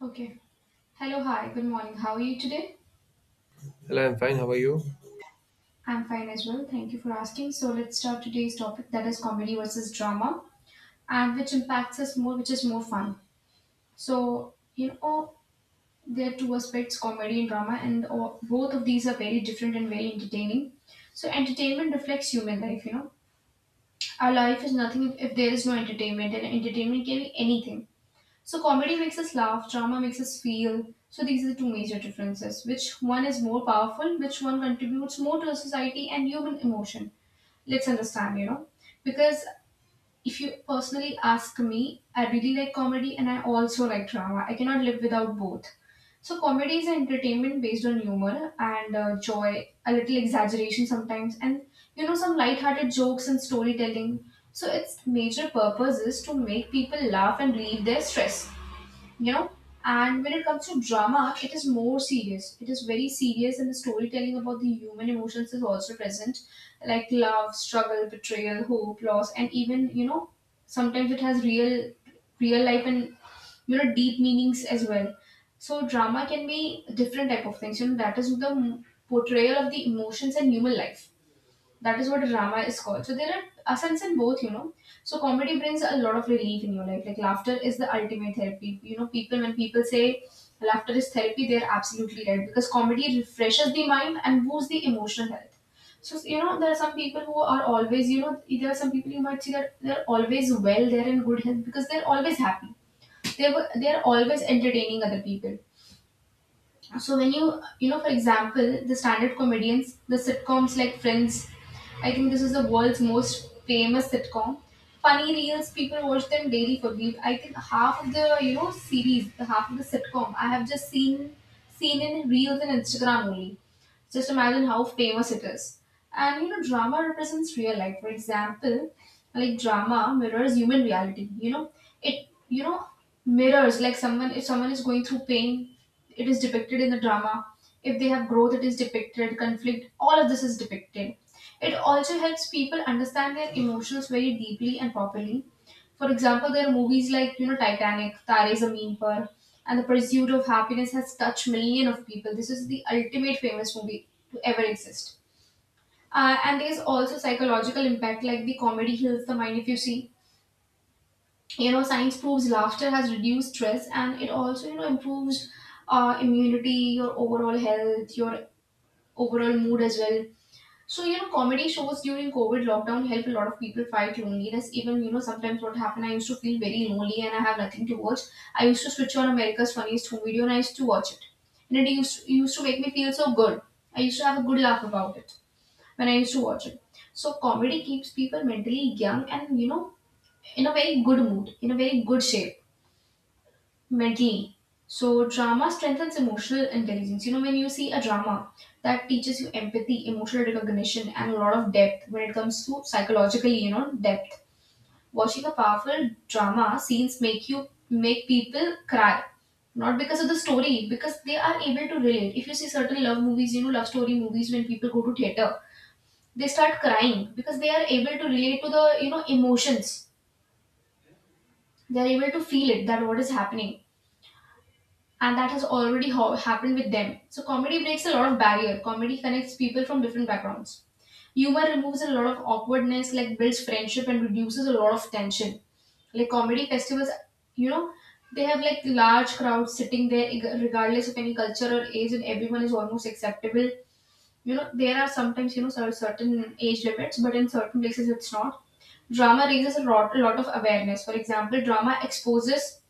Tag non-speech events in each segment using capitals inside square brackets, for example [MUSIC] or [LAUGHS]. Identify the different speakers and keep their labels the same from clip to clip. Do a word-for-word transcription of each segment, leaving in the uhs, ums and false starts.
Speaker 1: Okay. Hello, hi, good morning. How are you today?
Speaker 2: Hello, I'm fine. How are you?
Speaker 1: I'm fine as well. Thank you for asking. So let's start today's topic, that is comedy versus drama and which impacts us more, which is more fun. So, you know, there are two aspects, comedy and drama, and all, both of these are very different and very entertaining. So entertainment reflects human life, you know. Our life is nothing if, if there is no entertainment, and entertainment can be anything. So comedy makes us laugh, drama makes us feel. So these are the two major differences. Which one is more powerful? Which one contributes more to the society and human emotion? Let's understand, you know. Because if you personally ask me, I really like comedy and I also like drama. I cannot live without both. So comedy is entertainment based on humor and uh, joy, a little exaggeration sometimes, and you know some light-hearted jokes and storytelling. So its major purpose is to make people laugh and relieve their stress, you know. And when it comes to drama, it is more serious, it is very serious, and the storytelling about the human emotions is also present, like love, struggle, betrayal, hope, loss, and even, you know, sometimes it has real real life and, you know, deep meanings as well. So drama can be different type of things, you know, that is the m- portrayal of the emotions and human life. That is what drama is called. So there are a sense in both, you know. So comedy brings a lot of relief in your life. Like laughter is the ultimate therapy. You know, people when people say laughter is therapy, they're absolutely right, because comedy refreshes the mind and boosts the emotional health. So you know, there are some people who are always, you know, there are some people you might see that they're always well, they're in good health because they're always happy. They were they're always entertaining other people. So when you you know, for example the standard comedians, the sitcoms like Friends, I think this is the world's most famous sitcom. Funny reels people watch them daily. For me, I think half of the, you know, series, the half of the sitcom I have just seen seen in reels and Instagram only. Just imagine how famous it is. And you know, drama represents real life. For example, like drama mirrors human reality. You know, it, you know, mirrors like someone if someone is going through pain, it is depicted in the drama. If they have growth, it is depicted. Conflict, all of this is depicted. It also helps people understand their emotions very deeply and properly. For example, there are movies like, you know, Titanic, Tare Zameen Par, and The Pursuit of Happiness has touched million of people. This is the ultimate famous movie to ever exist. Uh, and there's also psychological impact, like the comedy heals the mind. If you see, you know, science proves laughter has reduced stress and it also, you know, improves uh, immunity, your overall health, your overall mood as well. So, you know, comedy shows during COVID lockdown helped a lot of people fight loneliness. Even, you know, sometimes what happened, I used to feel very lonely and I have nothing to watch. I used to switch on America's Funniest Home Video and I used to watch it. And it used, it used to make me feel so good. I used to have a good laugh about it when I used to watch it. So, comedy keeps people mentally young and, you know, in a very good mood, in a very good shape. Mentally. So drama strengthens emotional intelligence. You know, when you see a drama that teaches you empathy, emotional recognition, and a lot of depth when it comes to psychologically, you know, depth. Watching a powerful drama scenes make you make people cry. Not because of the story, because they are able to relate. If you see certain love movies, you know, love story movies when people go to theater, they start crying because they are able to relate to the, you know, emotions. They are able to feel it that what is happening and that has already ho- happened with them. So comedy breaks a lot of barrier. Comedy connects people from different backgrounds. Humor removes a lot of awkwardness, like builds friendship and reduces a lot of tension. Like comedy festivals, you know, they have like large crowds sitting there, ig- regardless of any culture or age, and everyone is almost acceptable. You know, there are sometimes, you know, cer- certain age limits, but in certain places it's not. Drama raises a lot, a lot of awareness. For example, drama exposes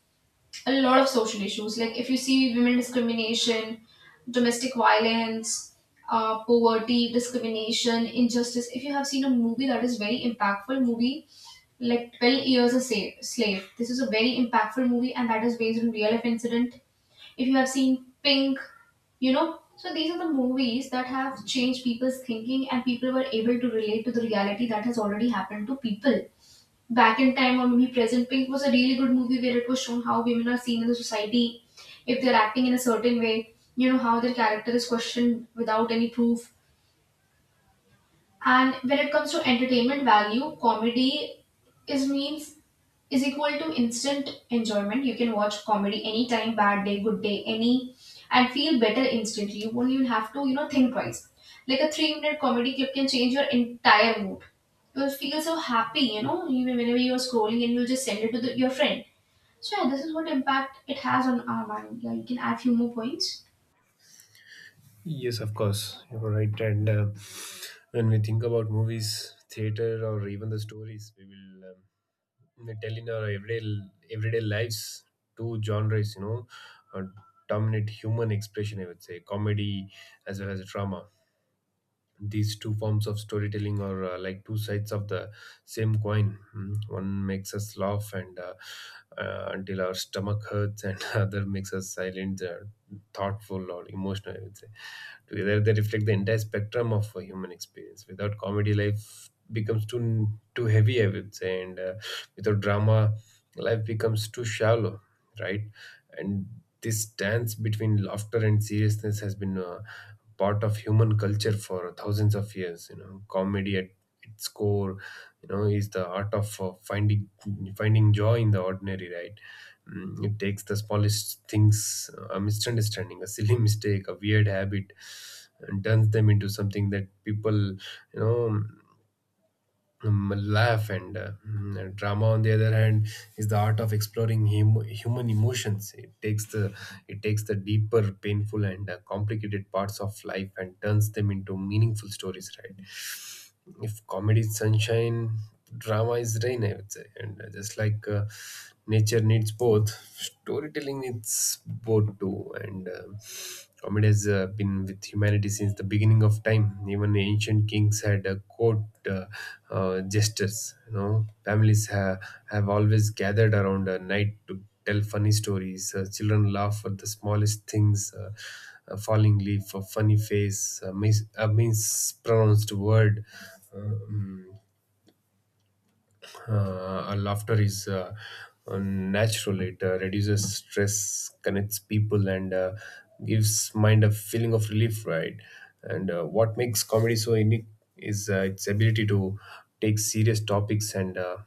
Speaker 1: a lot of social issues. Like if you see women discrimination, domestic violence, uh, poverty, discrimination, injustice. If you have seen a movie that is very impactful movie, like Twelve Years a Sa- Slave. This is a very impactful movie, and that is based on real life incident. If you have seen Pink, you know. So these are the movies that have changed people's thinking, and people were able to relate to the reality that has already happened to people back in time or maybe present. Pink was a really good movie where it was shown how women are seen in the society, if they're acting in a certain way, you know, how their character is questioned without any proof. And when it comes to entertainment value, comedy is means is equal to instant enjoyment. You can watch comedy anytime, bad day, good day, any, and feel better instantly. You won't even have to, you know, think twice. Like a three minute comedy clip can change your entire mood. You'll feel so happy, you know, even whenever you're scrolling and you'll just send it to the, your friend. So, yeah, this is what impact it has on our mind. Yeah, you can add few more points.
Speaker 2: Yes, of course, you're right. And uh, when we think about movies, theater, or even the stories we will um, we tell in our everyday everyday lives, two genres, you know, uh, dominate human expression. I would say comedy as well as drama, these two forms of storytelling are uh, like two sides of the same coin. Mm, one makes us laugh and uh, uh, until our stomach hurts, and [LAUGHS] other makes us silent, uh, thoughtful, or emotional, I would say. Together they reflect the entire spectrum of a human experience. Without comedy, life becomes too too heavy, I would say, and uh, without drama, life becomes too shallow, right? And this dance between laughter and seriousness has been uh, part of human culture for thousands of years. You know, comedy at its core, you know, is the art of uh, finding finding joy in the ordinary, right? Mm, it takes the smallest things, a misunderstanding, a silly [LAUGHS] mistake, a weird habit, and turns them into something that people, you know um, laugh, and uh, mm, drama, on the other hand, is the art of exploring hum- human emotions. It takes the it takes the deeper, painful, and uh, complicated parts of life, and turns them into meaningful stories, right? If comedy is sunshine, drama is rain, I would say. And uh, just like uh, nature needs both, storytelling needs both too. And um, comedy has uh, been with humanity since the beginning of time. Even ancient kings had uh, court uh, uh, gestures. You know, families ha- have always gathered around a night to tell funny stories. Uh, children laugh at the smallest things. Uh, a falling leaf, a funny face, a, mis- a mispronounced word. Um, uh, Laughter is uh, uh, natural. It uh, reduces stress, connects people, and uh, gives mind a feeling of relief. Right, and uh, what makes comedy so unique is uh, its ability to take serious topics and uh,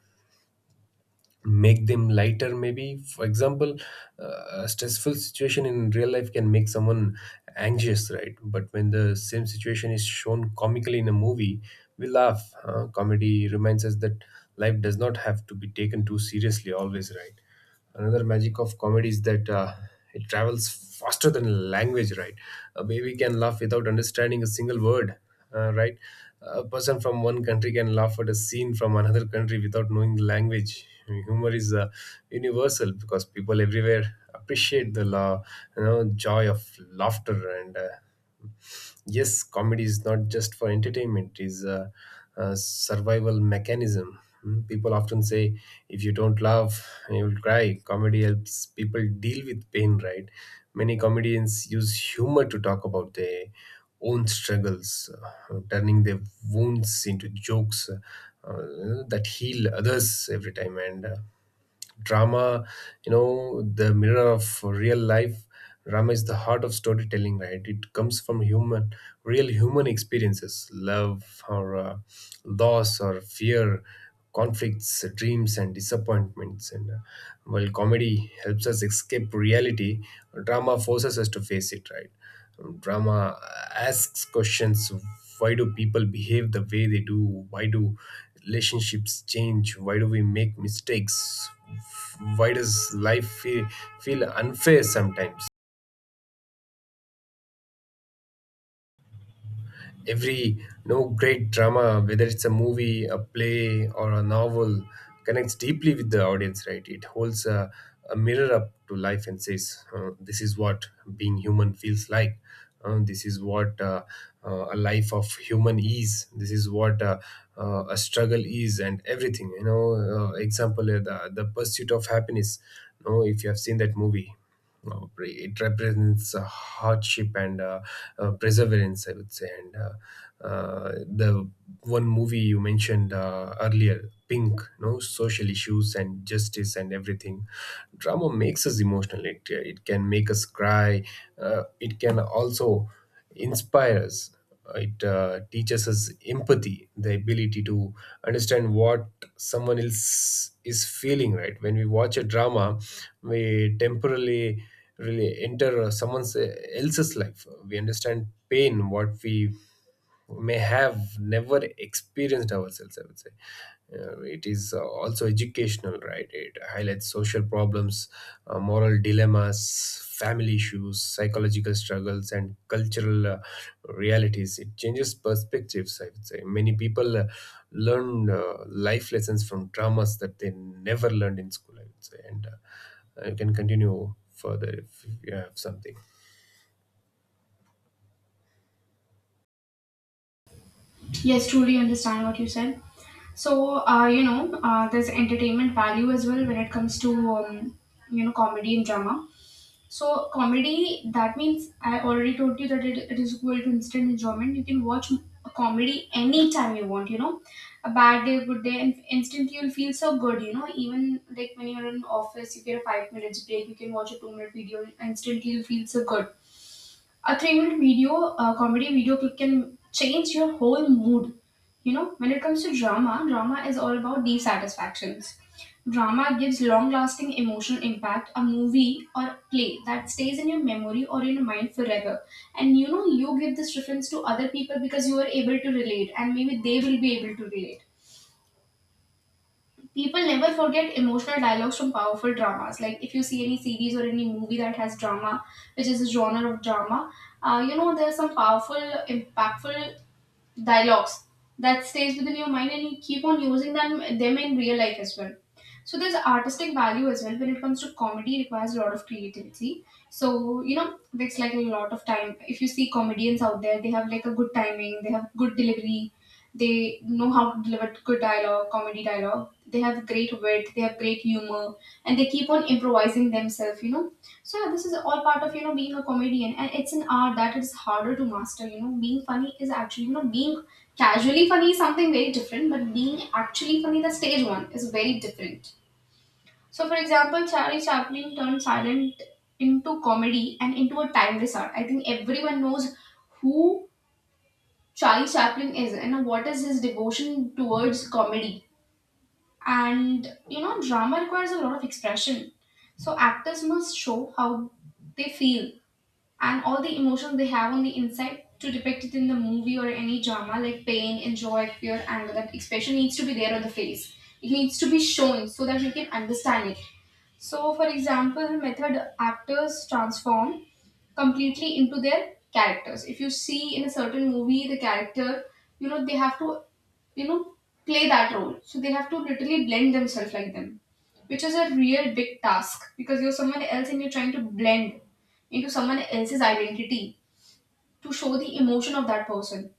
Speaker 2: make them lighter, maybe. For example, uh, a stressful situation in real life can make someone anxious, right? But when the same situation is shown comically in a movie, we laugh. Uh, comedy reminds us that life does not have to be taken too seriously always, right? Another magic of comedy is that uh, it travels faster than language, right? A baby can laugh without understanding a single word, uh, right? A person from one country can laugh at a scene from another country without knowing the language. I mean, humor is uh, universal because people everywhere appreciate the la- you know, joy of laughter, and uh, yes, comedy is not just for entertainment, it is a, a survival mechanism. Mm, people often say if you don't laugh you will cry. Comedy helps people deal with pain, right? Many comedians use humor to talk about their own struggles, uh, turning their wounds into jokes, uh, uh, that heal others every time. And uh, drama, you know, the mirror of real life, drama is the heart of storytelling, right? It comes from human real human experiences, love or uh, loss or fear, conflicts, dreams, and disappointments, and uh, while comedy helps us escape reality, drama forces us to face it, right? Drama asks questions. Why do people behave the way they do? Why do relationships change? Why do we make mistakes? Why does life feel, feel unfair sometimes? Every, you know, great drama, whether it's a movie, a play, or a novel, connects deeply with the audience, right? It holds a, a mirror up to life and says, uh, this is what being human feels like. Uh, this is what uh, uh, a life of human is. This is what uh, uh, a struggle is, and everything, you know. Uh, example, uh, the, the pursuit of happiness, you know, if you have seen that movie. No, pre- it represents uh, hardship and uh, uh, perseverance, I would say. And uh, uh, the one movie you mentioned uh, earlier, Pink, no, social issues and justice and everything. Drama makes us emotional. It it can make us cry. Uh, it can also inspire us. It uh, teaches us empathy, the ability to understand what someone else is feeling. Right, when we watch a drama, we temporarily really enter uh, someone's, uh, else's life. We understand pain, what we may have never experienced ourselves, I would say. Uh, it is uh, also educational, right? It highlights social problems, uh, moral dilemmas, family issues, psychological struggles, and cultural uh, realities. It changes perspectives, I would say. Many people uh, learn uh, life lessons from dramas that they never learned in school, I would say. And uh, you can continue further if, if you have something.
Speaker 1: Yes, truly understand what you said. So, uh, you know, uh, there's entertainment value as well when it comes to, um, you know, comedy and drama. So, comedy, that means I already told you that it, it is equal to instant enjoyment. You can watch a comedy anytime you want, you know, a bad day, good day, and instantly you'll feel so good, you know. Even like when you're in office, you get a five minutes break, you can watch a two minute video, and instantly you'll feel so good. A three minute video, a comedy video clip can change your whole mood. You know, when it comes to drama, drama is all about these satisfactions. Drama gives long lasting emotional impact, a movie or play that stays in your memory or in your mind forever. And you know, you give this reference to other people because you are able to relate, and maybe they will be able to relate. People never forget emotional dialogues from powerful dramas. Like if you see any series or any movie that has drama, which is a genre of drama, uh, you know, there's some powerful, impactful dialogues that stays within your mind and you keep on using them them in real life as well. So there's artistic value as well. When it comes to comedy, it requires a lot of creativity. So you know, it's like a lot of time, if you see comedians out there, they have like a good timing, they have good delivery, they know how to deliver good dialogue, comedy dialogue. They have great wit, they have great humor, and they keep on improvising themselves, you know. So yeah, this is all part of, you know, being a comedian, and it's an art that is harder to master. You know, being funny is actually, you know, being casually funny is something very different, but being actually funny, the stage one, is very different. So for example, Charlie Chaplin turned silent into comedy and into a timeless art. I think everyone knows who Charlie Chaplin is and what is his devotion towards comedy. And you know, drama requires a lot of expression. So actors must show how they feel and all the emotions they have on the inside to depict it in the movie or any drama, like pain, enjoy, fear, anger. That expression needs to be there on the face. It needs to be shown so that we can understand it. So, for example, method actors transform completely into their characters. If you see in a certain movie the character, you know, they have to, you know, play that role. So they have to literally blend themselves like them, which is a real big task because you're someone else and you're trying to blend into someone else's identity to show the emotion of that person.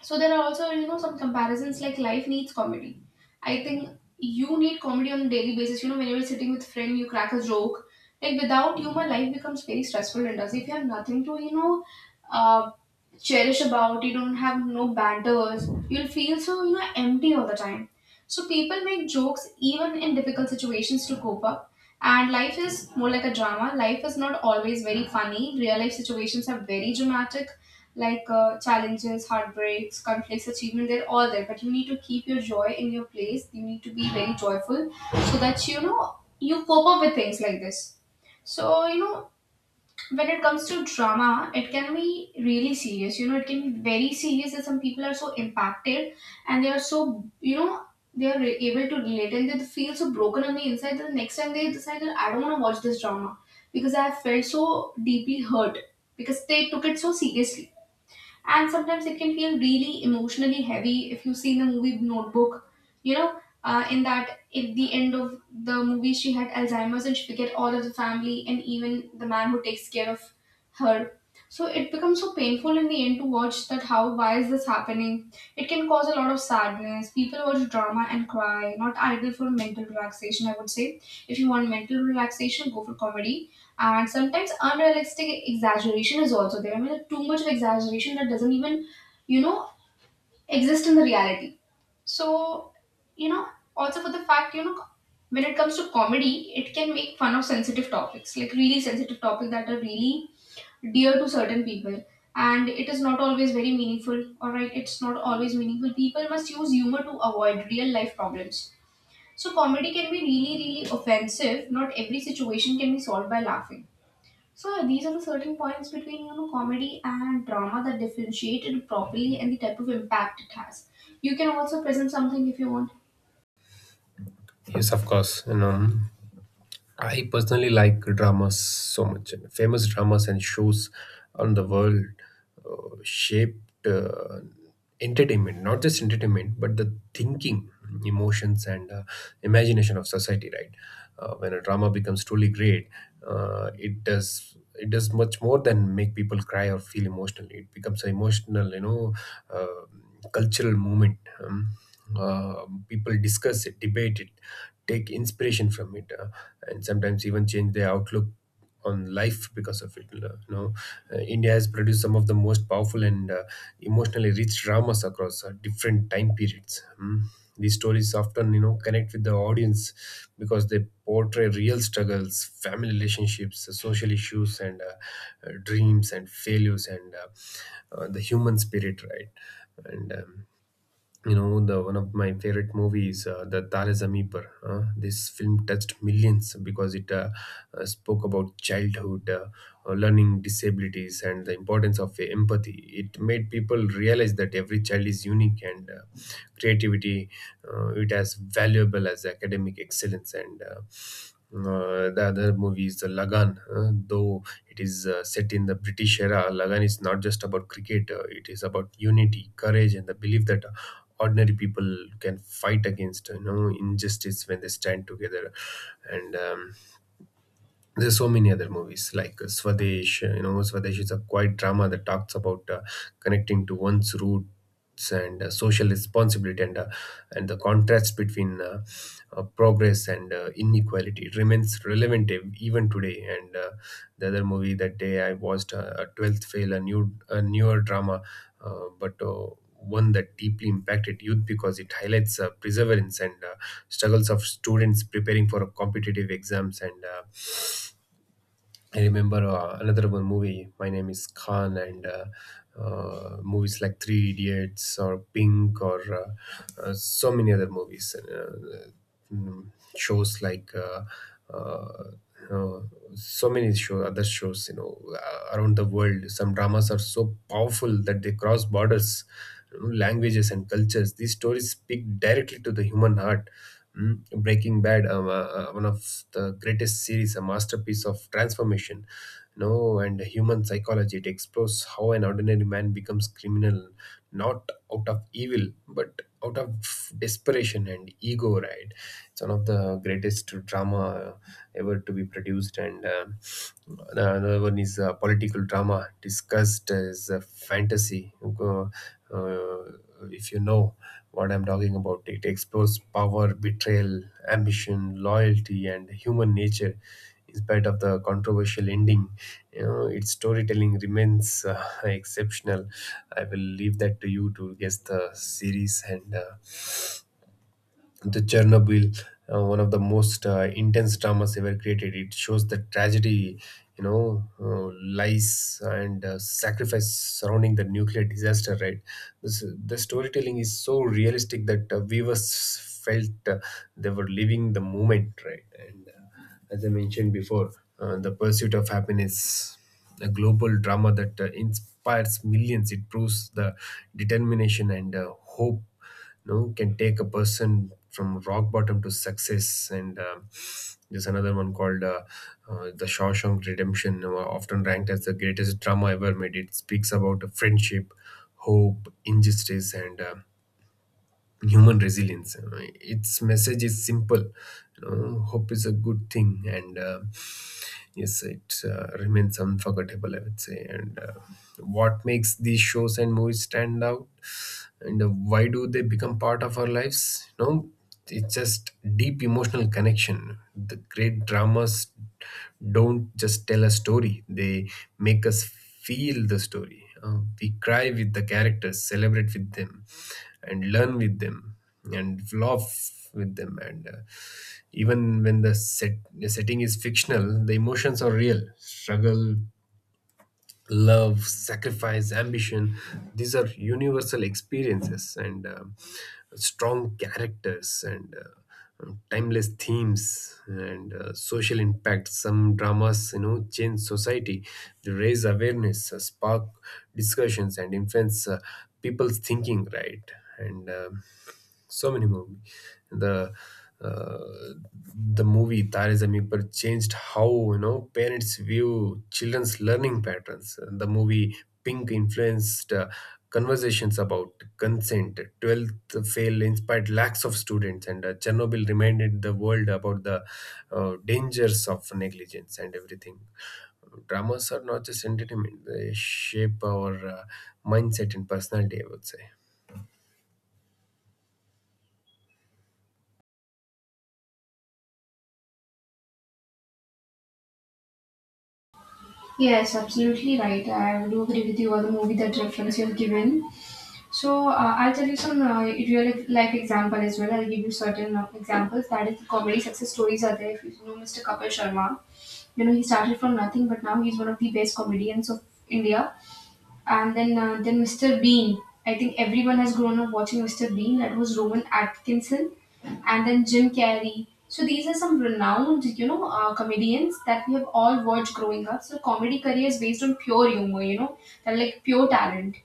Speaker 1: So there are also, you know, some comparisons like life needs comedy. I think you need comedy on a daily basis. You know, when you're sitting with friend, you crack a joke. Like without humor, life becomes very stressful and does. If you have nothing to, you know, uh, cherish about, you don't have no banters, you'll feel so, you know, empty all the time. So people make jokes even in difficult situations to cope up. And life is more like a drama. Life is not always very funny. Real life situations are very dramatic like uh, challenges, heartbreaks, conflicts, achievement, they're all there. But you need to keep your joy in your place. You need to be very joyful so that you know you cope up with things like this. So, you know, when it comes to drama, it can be really serious. You know, it can be very serious that some people are so impacted and they are so, you know, they are re- able to relate and they feel so broken on the inside that the next time they decide that I don't want to watch this drama because I have felt so deeply hurt because they took it so seriously and sometimes it can feel really emotionally heavy if you've seen the movie Notebook. You know, uh, in that at the end of the movie, she had Alzheimer's and she forget all of the family and even the man who takes care of her. So it becomes so painful in the end to watch that how why is this happening? It can cause a lot of sadness. People watch drama and cry. Not ideal for mental relaxation, I would say. If you want mental relaxation, go for comedy and sometimes unrealistic exaggeration is also there. I mean, too much of exaggeration that doesn't even, you know, exist in the reality. So, you know, also for the fact, you know, when it comes to comedy, it can make fun of sensitive topics, like really sensitive topics that are really dear to certain people. And it is not always very meaningful, alright? It's not always meaningful. People must use humor to avoid real life problems. So, comedy can be really, really offensive. Not every situation can be solved by laughing, so these are the certain points between you know comedy and drama that differentiate it properly and the type of impact it has. You can also present something if you want.
Speaker 2: Yes, of course. You know, I personally like dramas so much. And famous dramas and shows on the world uh, shaped uh, entertainment, not just entertainment, but the thinking, emotions, and uh, imagination of society, right? Uh, when a drama becomes truly great, uh, it does it does much more than make people cry or feel emotionally. It becomes an emotional, you know, uh, cultural movement. Um, uh, People discuss it, debate it, take inspiration from it, uh, and sometimes even change their outlook on life because of it, you know. Uh, india has produced some of the most powerful and uh, emotionally rich dramas across uh, different time periods. Mm. These stories often, you know, connect with the audience because they portray real struggles, family relationships, uh, social issues, and uh, uh, dreams and failures, and uh, uh, the human spirit, right? And um, you know, the one of my favorite movies, uh, the Tare Zameen Par, uh, this film touched millions because it uh, uh, spoke about childhood uh, uh, learning disabilities and the importance of uh, empathy. It made people realize that every child is unique and uh, creativity, uh, it as valuable as academic excellence, and uh, uh, the other movie is the Lagan. Uh, though it is uh, set in the British era, Lagan is not just about cricket. Uh, it is about unity, courage, and the belief that ordinary people can fight against, you know, injustice when they stand together. And um, there's so many other movies like uh, Swadesh. Uh, you know, Swadesh is a quiet drama that talks about uh, connecting to one's roots and uh, social responsibility, and uh, and the contrast between uh, uh, progress and uh, inequality. It remains relevant ev- even today. And uh, the other movie that day I watched, uh, a Twelfth Fail, a new a newer drama, uh, but. Uh, one that deeply impacted youth because it highlights uh, perseverance and uh, struggles of students preparing for competitive exams, and uh, I remember uh, another one movie. My name is Khan, and uh, uh, movies like Three Idiots or Pink, or uh, uh, so many other movies. Uh, mm, Shows like uh, uh, uh, so many show other shows, you know, uh, around the world. Some dramas are so powerful that they cross borders, you know, languages and cultures. These stories speak directly to the human heart. Mm, Breaking Bad, um, uh, uh, one of the greatest series, a masterpiece of transformation, you know, and human psychology. It explores how an ordinary man becomes criminal, not out of evil, but out of desperation and ego. Right? It's one of the greatest drama ever to be produced, and uh, the another one is uh, political drama discussed as a fantasy. Uh, uh, uh, if you know what I'm talking about. It explores power, betrayal, ambition, loyalty, and human nature. In spite of the controversial ending, you know, its storytelling remains uh, [LAUGHS] exceptional. I will leave that to you to guess the series, and uh, the Chernobyl, uh, one of the most uh, intense dramas ever created. It shows the tragedy, you know, uh, lies and uh, sacrifice surrounding the nuclear disaster. Right, this, the storytelling is so realistic that uh, viewers felt uh, they were living the moment. Right, and uh, as I mentioned before, uh, the pursuit of happiness. A global drama that uh, inspires millions. It proves the determination and uh, hope no, can take a person from rock bottom to success, and um there's another one called uh, uh, the Shawshank Redemption, uh, often ranked as the greatest drama ever made. It speaks about friendship, hope, injustice and uh, human resilience. Uh, its message is simple, you know, hope is a good thing, and uh, yes it uh, remains unforgettable, I would say. And uh, What makes these shows and movies stand out, and uh, why do they become part of our lives? No, it's just deep emotional connection. The great dramas don't just tell a story, they make us feel the story. Uh, we cry with the characters, celebrate with them and learn with them and laugh with them, and uh, even when the set the setting is fictional, the emotions are real: struggle, love, sacrifice, ambition. These are universal experiences, and um, strong characters, and uh, um, timeless themes and uh, social impact. Some dramas, you know, change society. They raise awareness, uh, spark discussions and influence uh, people's thinking, right? And um so many movie the uh, the movie Tare Zameen Par changed how, you know, parents view children's learning patterns. The movie Pink influenced uh, conversations about consent. Twelfth Fail inspired lakhs of students, and uh, Chernobyl reminded the world about the uh, dangers of negligence and everything. Dramas are not just entertainment; they shape our uh, mindset and personality, I would say.
Speaker 1: Yes, absolutely right. I do agree with you on the movie that reference you have given. So uh, I'll tell you some uh, real life example as well. I'll give you certain uh, examples. That is, the comedy success stories are there. If you know mister Kapil Sharma, you know he started from nothing, but now he's one of the best comedians of India. and then uh, then mister Bean. I think everyone has grown up watching mister Bean. That was Rowan Atkinson, and then Jim Carrey. So these are some renowned, you know, uh, comedians that we have all watched growing up. So comedy career is based on pure humor, you know, they're like pure talent.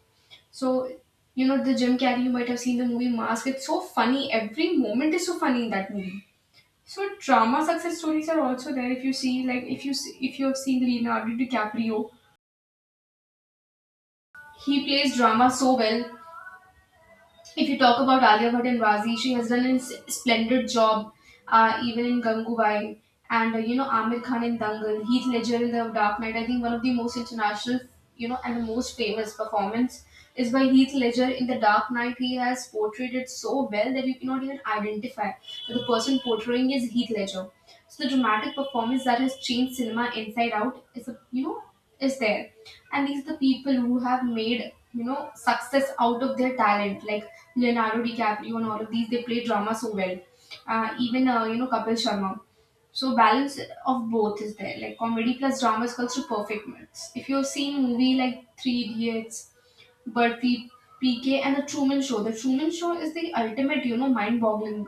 Speaker 1: So you know, the Jim Carrey, you might have seen the movie Mask. It's so funny. Every moment is so funny in that movie. So drama success stories are also there. If you see, like, if you see, if you have seen Leonardo DiCaprio, he plays drama so well. If you talk about Alia Bhatt and Razi, she has done a s- splendid job, uh, even in Gangubai. And uh, you know, Amir Khan in Dangal, Heath Ledger in The Dark Knight. I think one of the most international, you know, and the most famous performance is by Heath Ledger in The Dark Knight. He has portrayed it so well that you cannot even identify that the person portraying is Heath Ledger. So the dramatic performance that has changed cinema inside out is, a, you know, is there, and these are the people who have made you know success out of their talent like Leonardo DiCaprio and all of these, they play drama so well. Uh, even uh, you know Kapil Sharma, so balance of both is there, like comedy plus drama is called to perfect mix if you've seen movie like Three Idiots, Burpee, PK, and The Truman Show. The Truman Show is the ultimate, you know, mind-boggling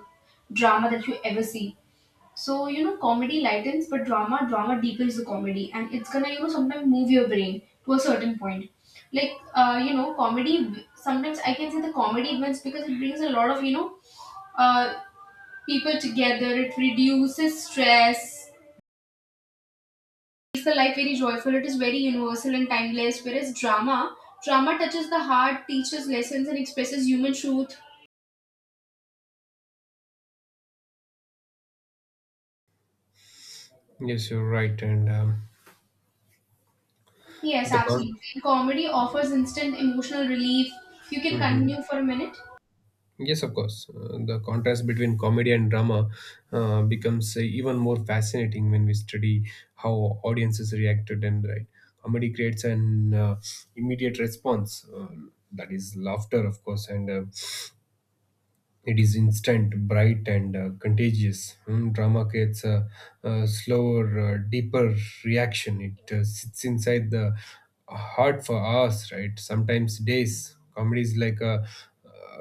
Speaker 1: drama that you ever see. So, you know, comedy lightens, but drama, drama deepens the comedy. And it's gonna, you know, sometimes move your brain to a certain point. Like, uh, you know, comedy, sometimes I can say the comedy wins because it brings a lot of, you know, uh, people together. It reduces stress. It's the life very joyful. It is very universal and timeless. Whereas drama, drama touches the heart, teaches lessons, and expresses human truth.
Speaker 2: Yes, you're right. And um,
Speaker 1: Yes,
Speaker 2: The con-
Speaker 1: absolutely. Comedy offers instant emotional relief. You can
Speaker 2: Mhm.
Speaker 1: continue for a minute.
Speaker 2: Yes, of course. Uh, the contrast between comedy and drama uh, becomes uh, even more fascinating when we study how audiences reacted. And Right. Comedy creates an uh, immediate response, uh, that is laughter, of course, and uh, it is instant, bright, and uh, contagious. Hmm. Drama creates a, a slower, uh, deeper reaction. It uh, sits inside the heart for hours, right? Sometimes days. Comedy is like a,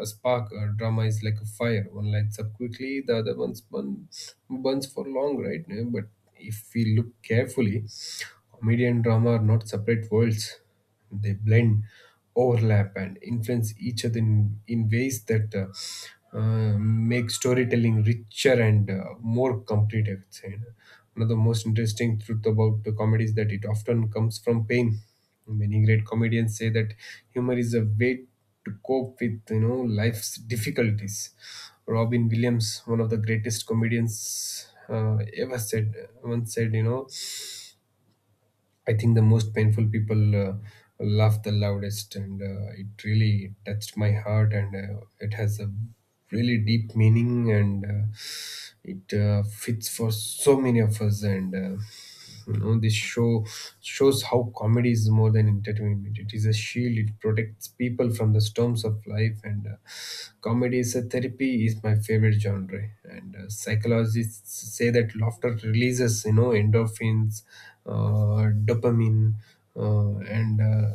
Speaker 2: a spark. Uh drama is like a fire. One lights up quickly, the other ones burns, burns for long, right? Yeah. But if we look carefully, comedy and drama are not separate worlds. They blend, overlap, and influence each other in, in ways that uh, uh, make storytelling richer and uh, more complete, I would say. One of the most interesting truth about the comedy is that it often comes from pain. Many great comedians say that humor is a way to cope with, you know, life's difficulties. Robin Williams, one of the greatest comedians uh, ever said, once said, you know, I think the most painful people uh, laugh the loudest, and uh, it really touched my heart, and uh, it has a really deep meaning, and uh, it uh, fits for so many of us. And uh, You know, this show shows how comedy is more than entertainment. It is a shield. It protects people from the storms of life, and uh, comedy is a therapy. Is my favorite genre, and uh, psychologists say that laughter releases, you know, endorphins, uh, dopamine uh, and uh,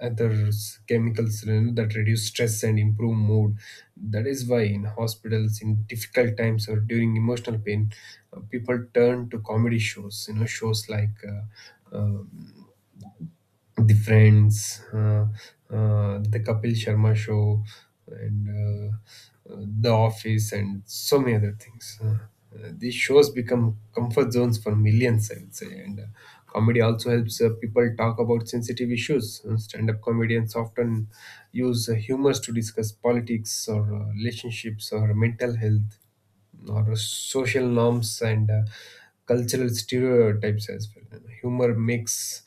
Speaker 2: other chemicals, you know, that reduce stress and improve mood. That is why in hospitals, in difficult times or during emotional pain, uh, people turn to comedy shows, you know, shows like uh, um, the Friends, uh, uh, the Kapil Sharma Show, and uh, uh, The Office, and so many other things. Uh, uh, these shows become comfort zones for millions, I would say. And uh, Comedy also helps uh, people talk about sensitive issues. Uh, stand-up comedians often use uh, humor to discuss politics or uh, relationships or mental health or social norms and uh, cultural stereotypes as well. You know, humor makes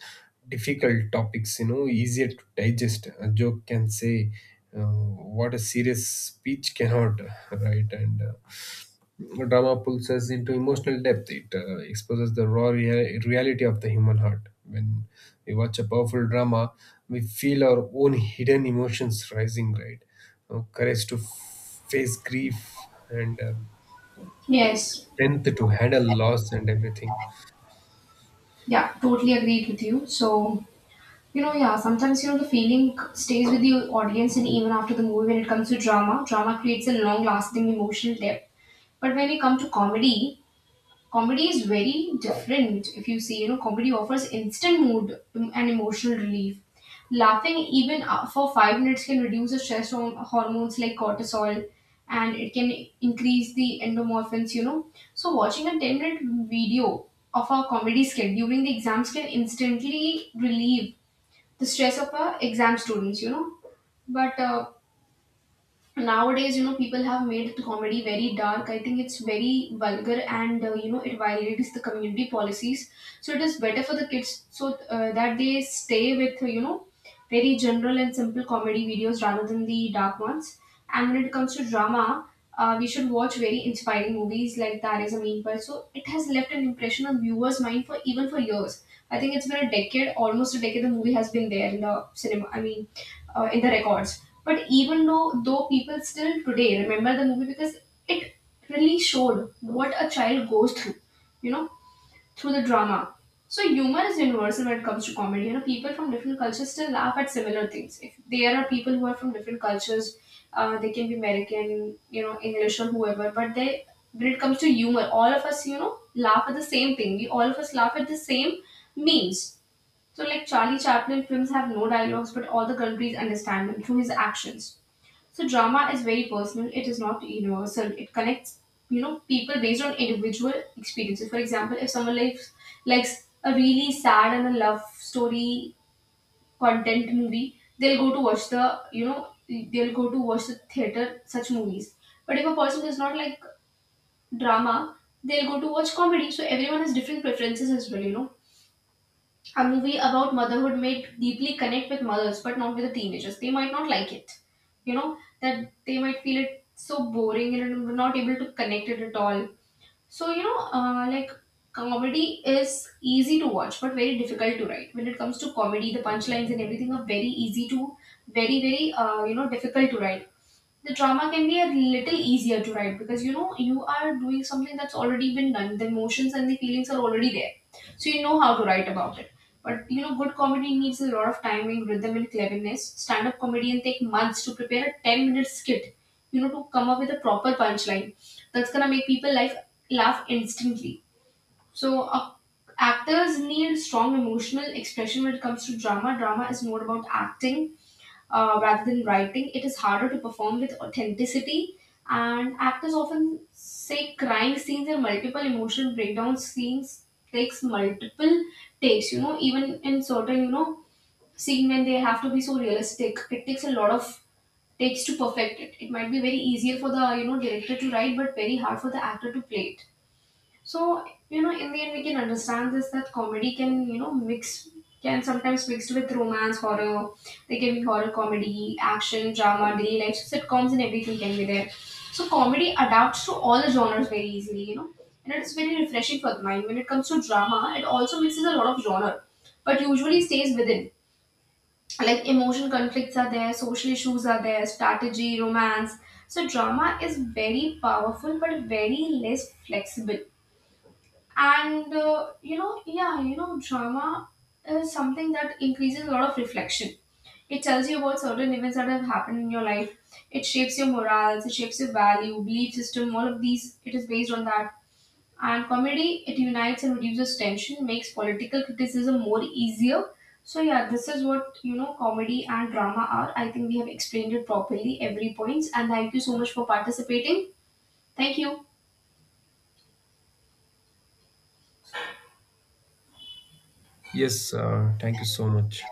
Speaker 2: difficult topics, you know, easier to digest. A joke can say uh, what a serious speech cannot, [LAUGHS] right? And uh, Drama pulls us into emotional depth. It uh, exposes the raw rea- reality of the human heart. When we watch a powerful drama, we feel our own hidden emotions rising, right? Uh, courage to f- face grief and um,
Speaker 1: Yes.
Speaker 2: strength to handle loss and everything.
Speaker 1: Yeah, totally agreed with you. So, you know, yeah, sometimes, you know, the feeling stays with the audience and even after the movie when it comes to drama, drama creates a long lasting emotional depth. But when we come to comedy, comedy is very different if you see, you know, comedy offers instant mood and emotional relief. Laughing even uh, for five minutes can reduce the stress hor- hormones like cortisol, and it can increase the endomorphins, you know. So watching a ten minute video of a comedy skit during the exams can instantly relieve the stress of our exam students, you know. But uh, nowadays, you know, people have made comedy very dark. I think it's very vulgar and uh, you know it violates the community policies, so it is better for the kids so uh, that they stay with uh, you know very general and simple comedy videos rather than the dark ones. And when it comes to drama, uh, we should watch very inspiring movies like That Is a Mean. So it has left an impression on viewers' mind for even for years. I think it's been a decade, almost a decade. The movie has been there in the cinema. I mean, uh, in the records. But even though though people still today remember the movie because it really showed what a child goes through, you know, through the drama. So humor is universal when it comes to comedy. You know, people from different cultures still laugh at similar things. If there are people who are from different cultures, uh, they can be American, you know, English or whoever, but they when it comes to humor, all of us, you know, laugh at the same thing. We all of us laugh at the same memes. So, like Charlie Chaplin films have no dialogues, but all the countries understand him through his actions. So, drama is very personal. It is not universal. It connects, you know, people based on individual experiences. For example, if someone likes likes a really sad and a love story content movie, they'll go to watch the, you know, they'll go to watch the theater such movies. But if a person does not like drama, they'll go to watch comedy. So everyone has different preferences as well, you know. A movie about motherhood may deeply connect with mothers, but not with the teenagers. They might not like it. You know, that they might feel it so boring and not able to connect it at all. So, you know, uh, like comedy is easy to watch, but very difficult to write. When it comes to comedy, the punchlines and everything are very easy to, very, very, uh, you know, difficult to write. The drama can be a little easier to write because you know you are doing something that's already been done, the emotions and the feelings are already there, so you know how to write about it. But you know good comedy needs a lot of timing, rhythm, and cleverness. Stand up comedian take months to prepare a ten minute skit, you know, to come up with a proper punchline that's gonna make people life laugh instantly. So uh, actors need strong emotional expression when it comes to drama. Drama is more about acting uh, rather than writing. It is harder to perform with authenticity. And actors often say crying scenes and multiple emotional breakdown scenes takes multiple takes. You know, even in certain you know scene when they have to be so realistic, it takes a lot of takes to perfect it. It might be very easier for the you know director to write, but very hard for the actor to play it. So, you know, in the end, we can understand this that comedy can, you know, mix, can sometimes mixed with romance, horror. There can be horror comedy, action, drama, daily life. So, sitcoms and everything can be there. So, comedy adapts to all the genres very easily, you know. And it's very refreshing for the mind. When it comes to drama, it also mixes a lot of genre, but usually stays within. Like emotion conflicts are there, social issues are there, strategy, romance. So drama is very powerful but very less flexible. And uh, you know, yeah, you know, drama is something that increases a lot of reflection. It tells you about certain events that have happened in your life. It shapes your morals, it shapes your value belief system, all of these, it is based on that. And comedy, it unites and reduces tension, makes political criticism more easier. So yeah, this is what you know comedy and drama are. I think we have explained it properly every points, and thank you so much for participating. Thank you.
Speaker 2: Yes, uh, thank you so much.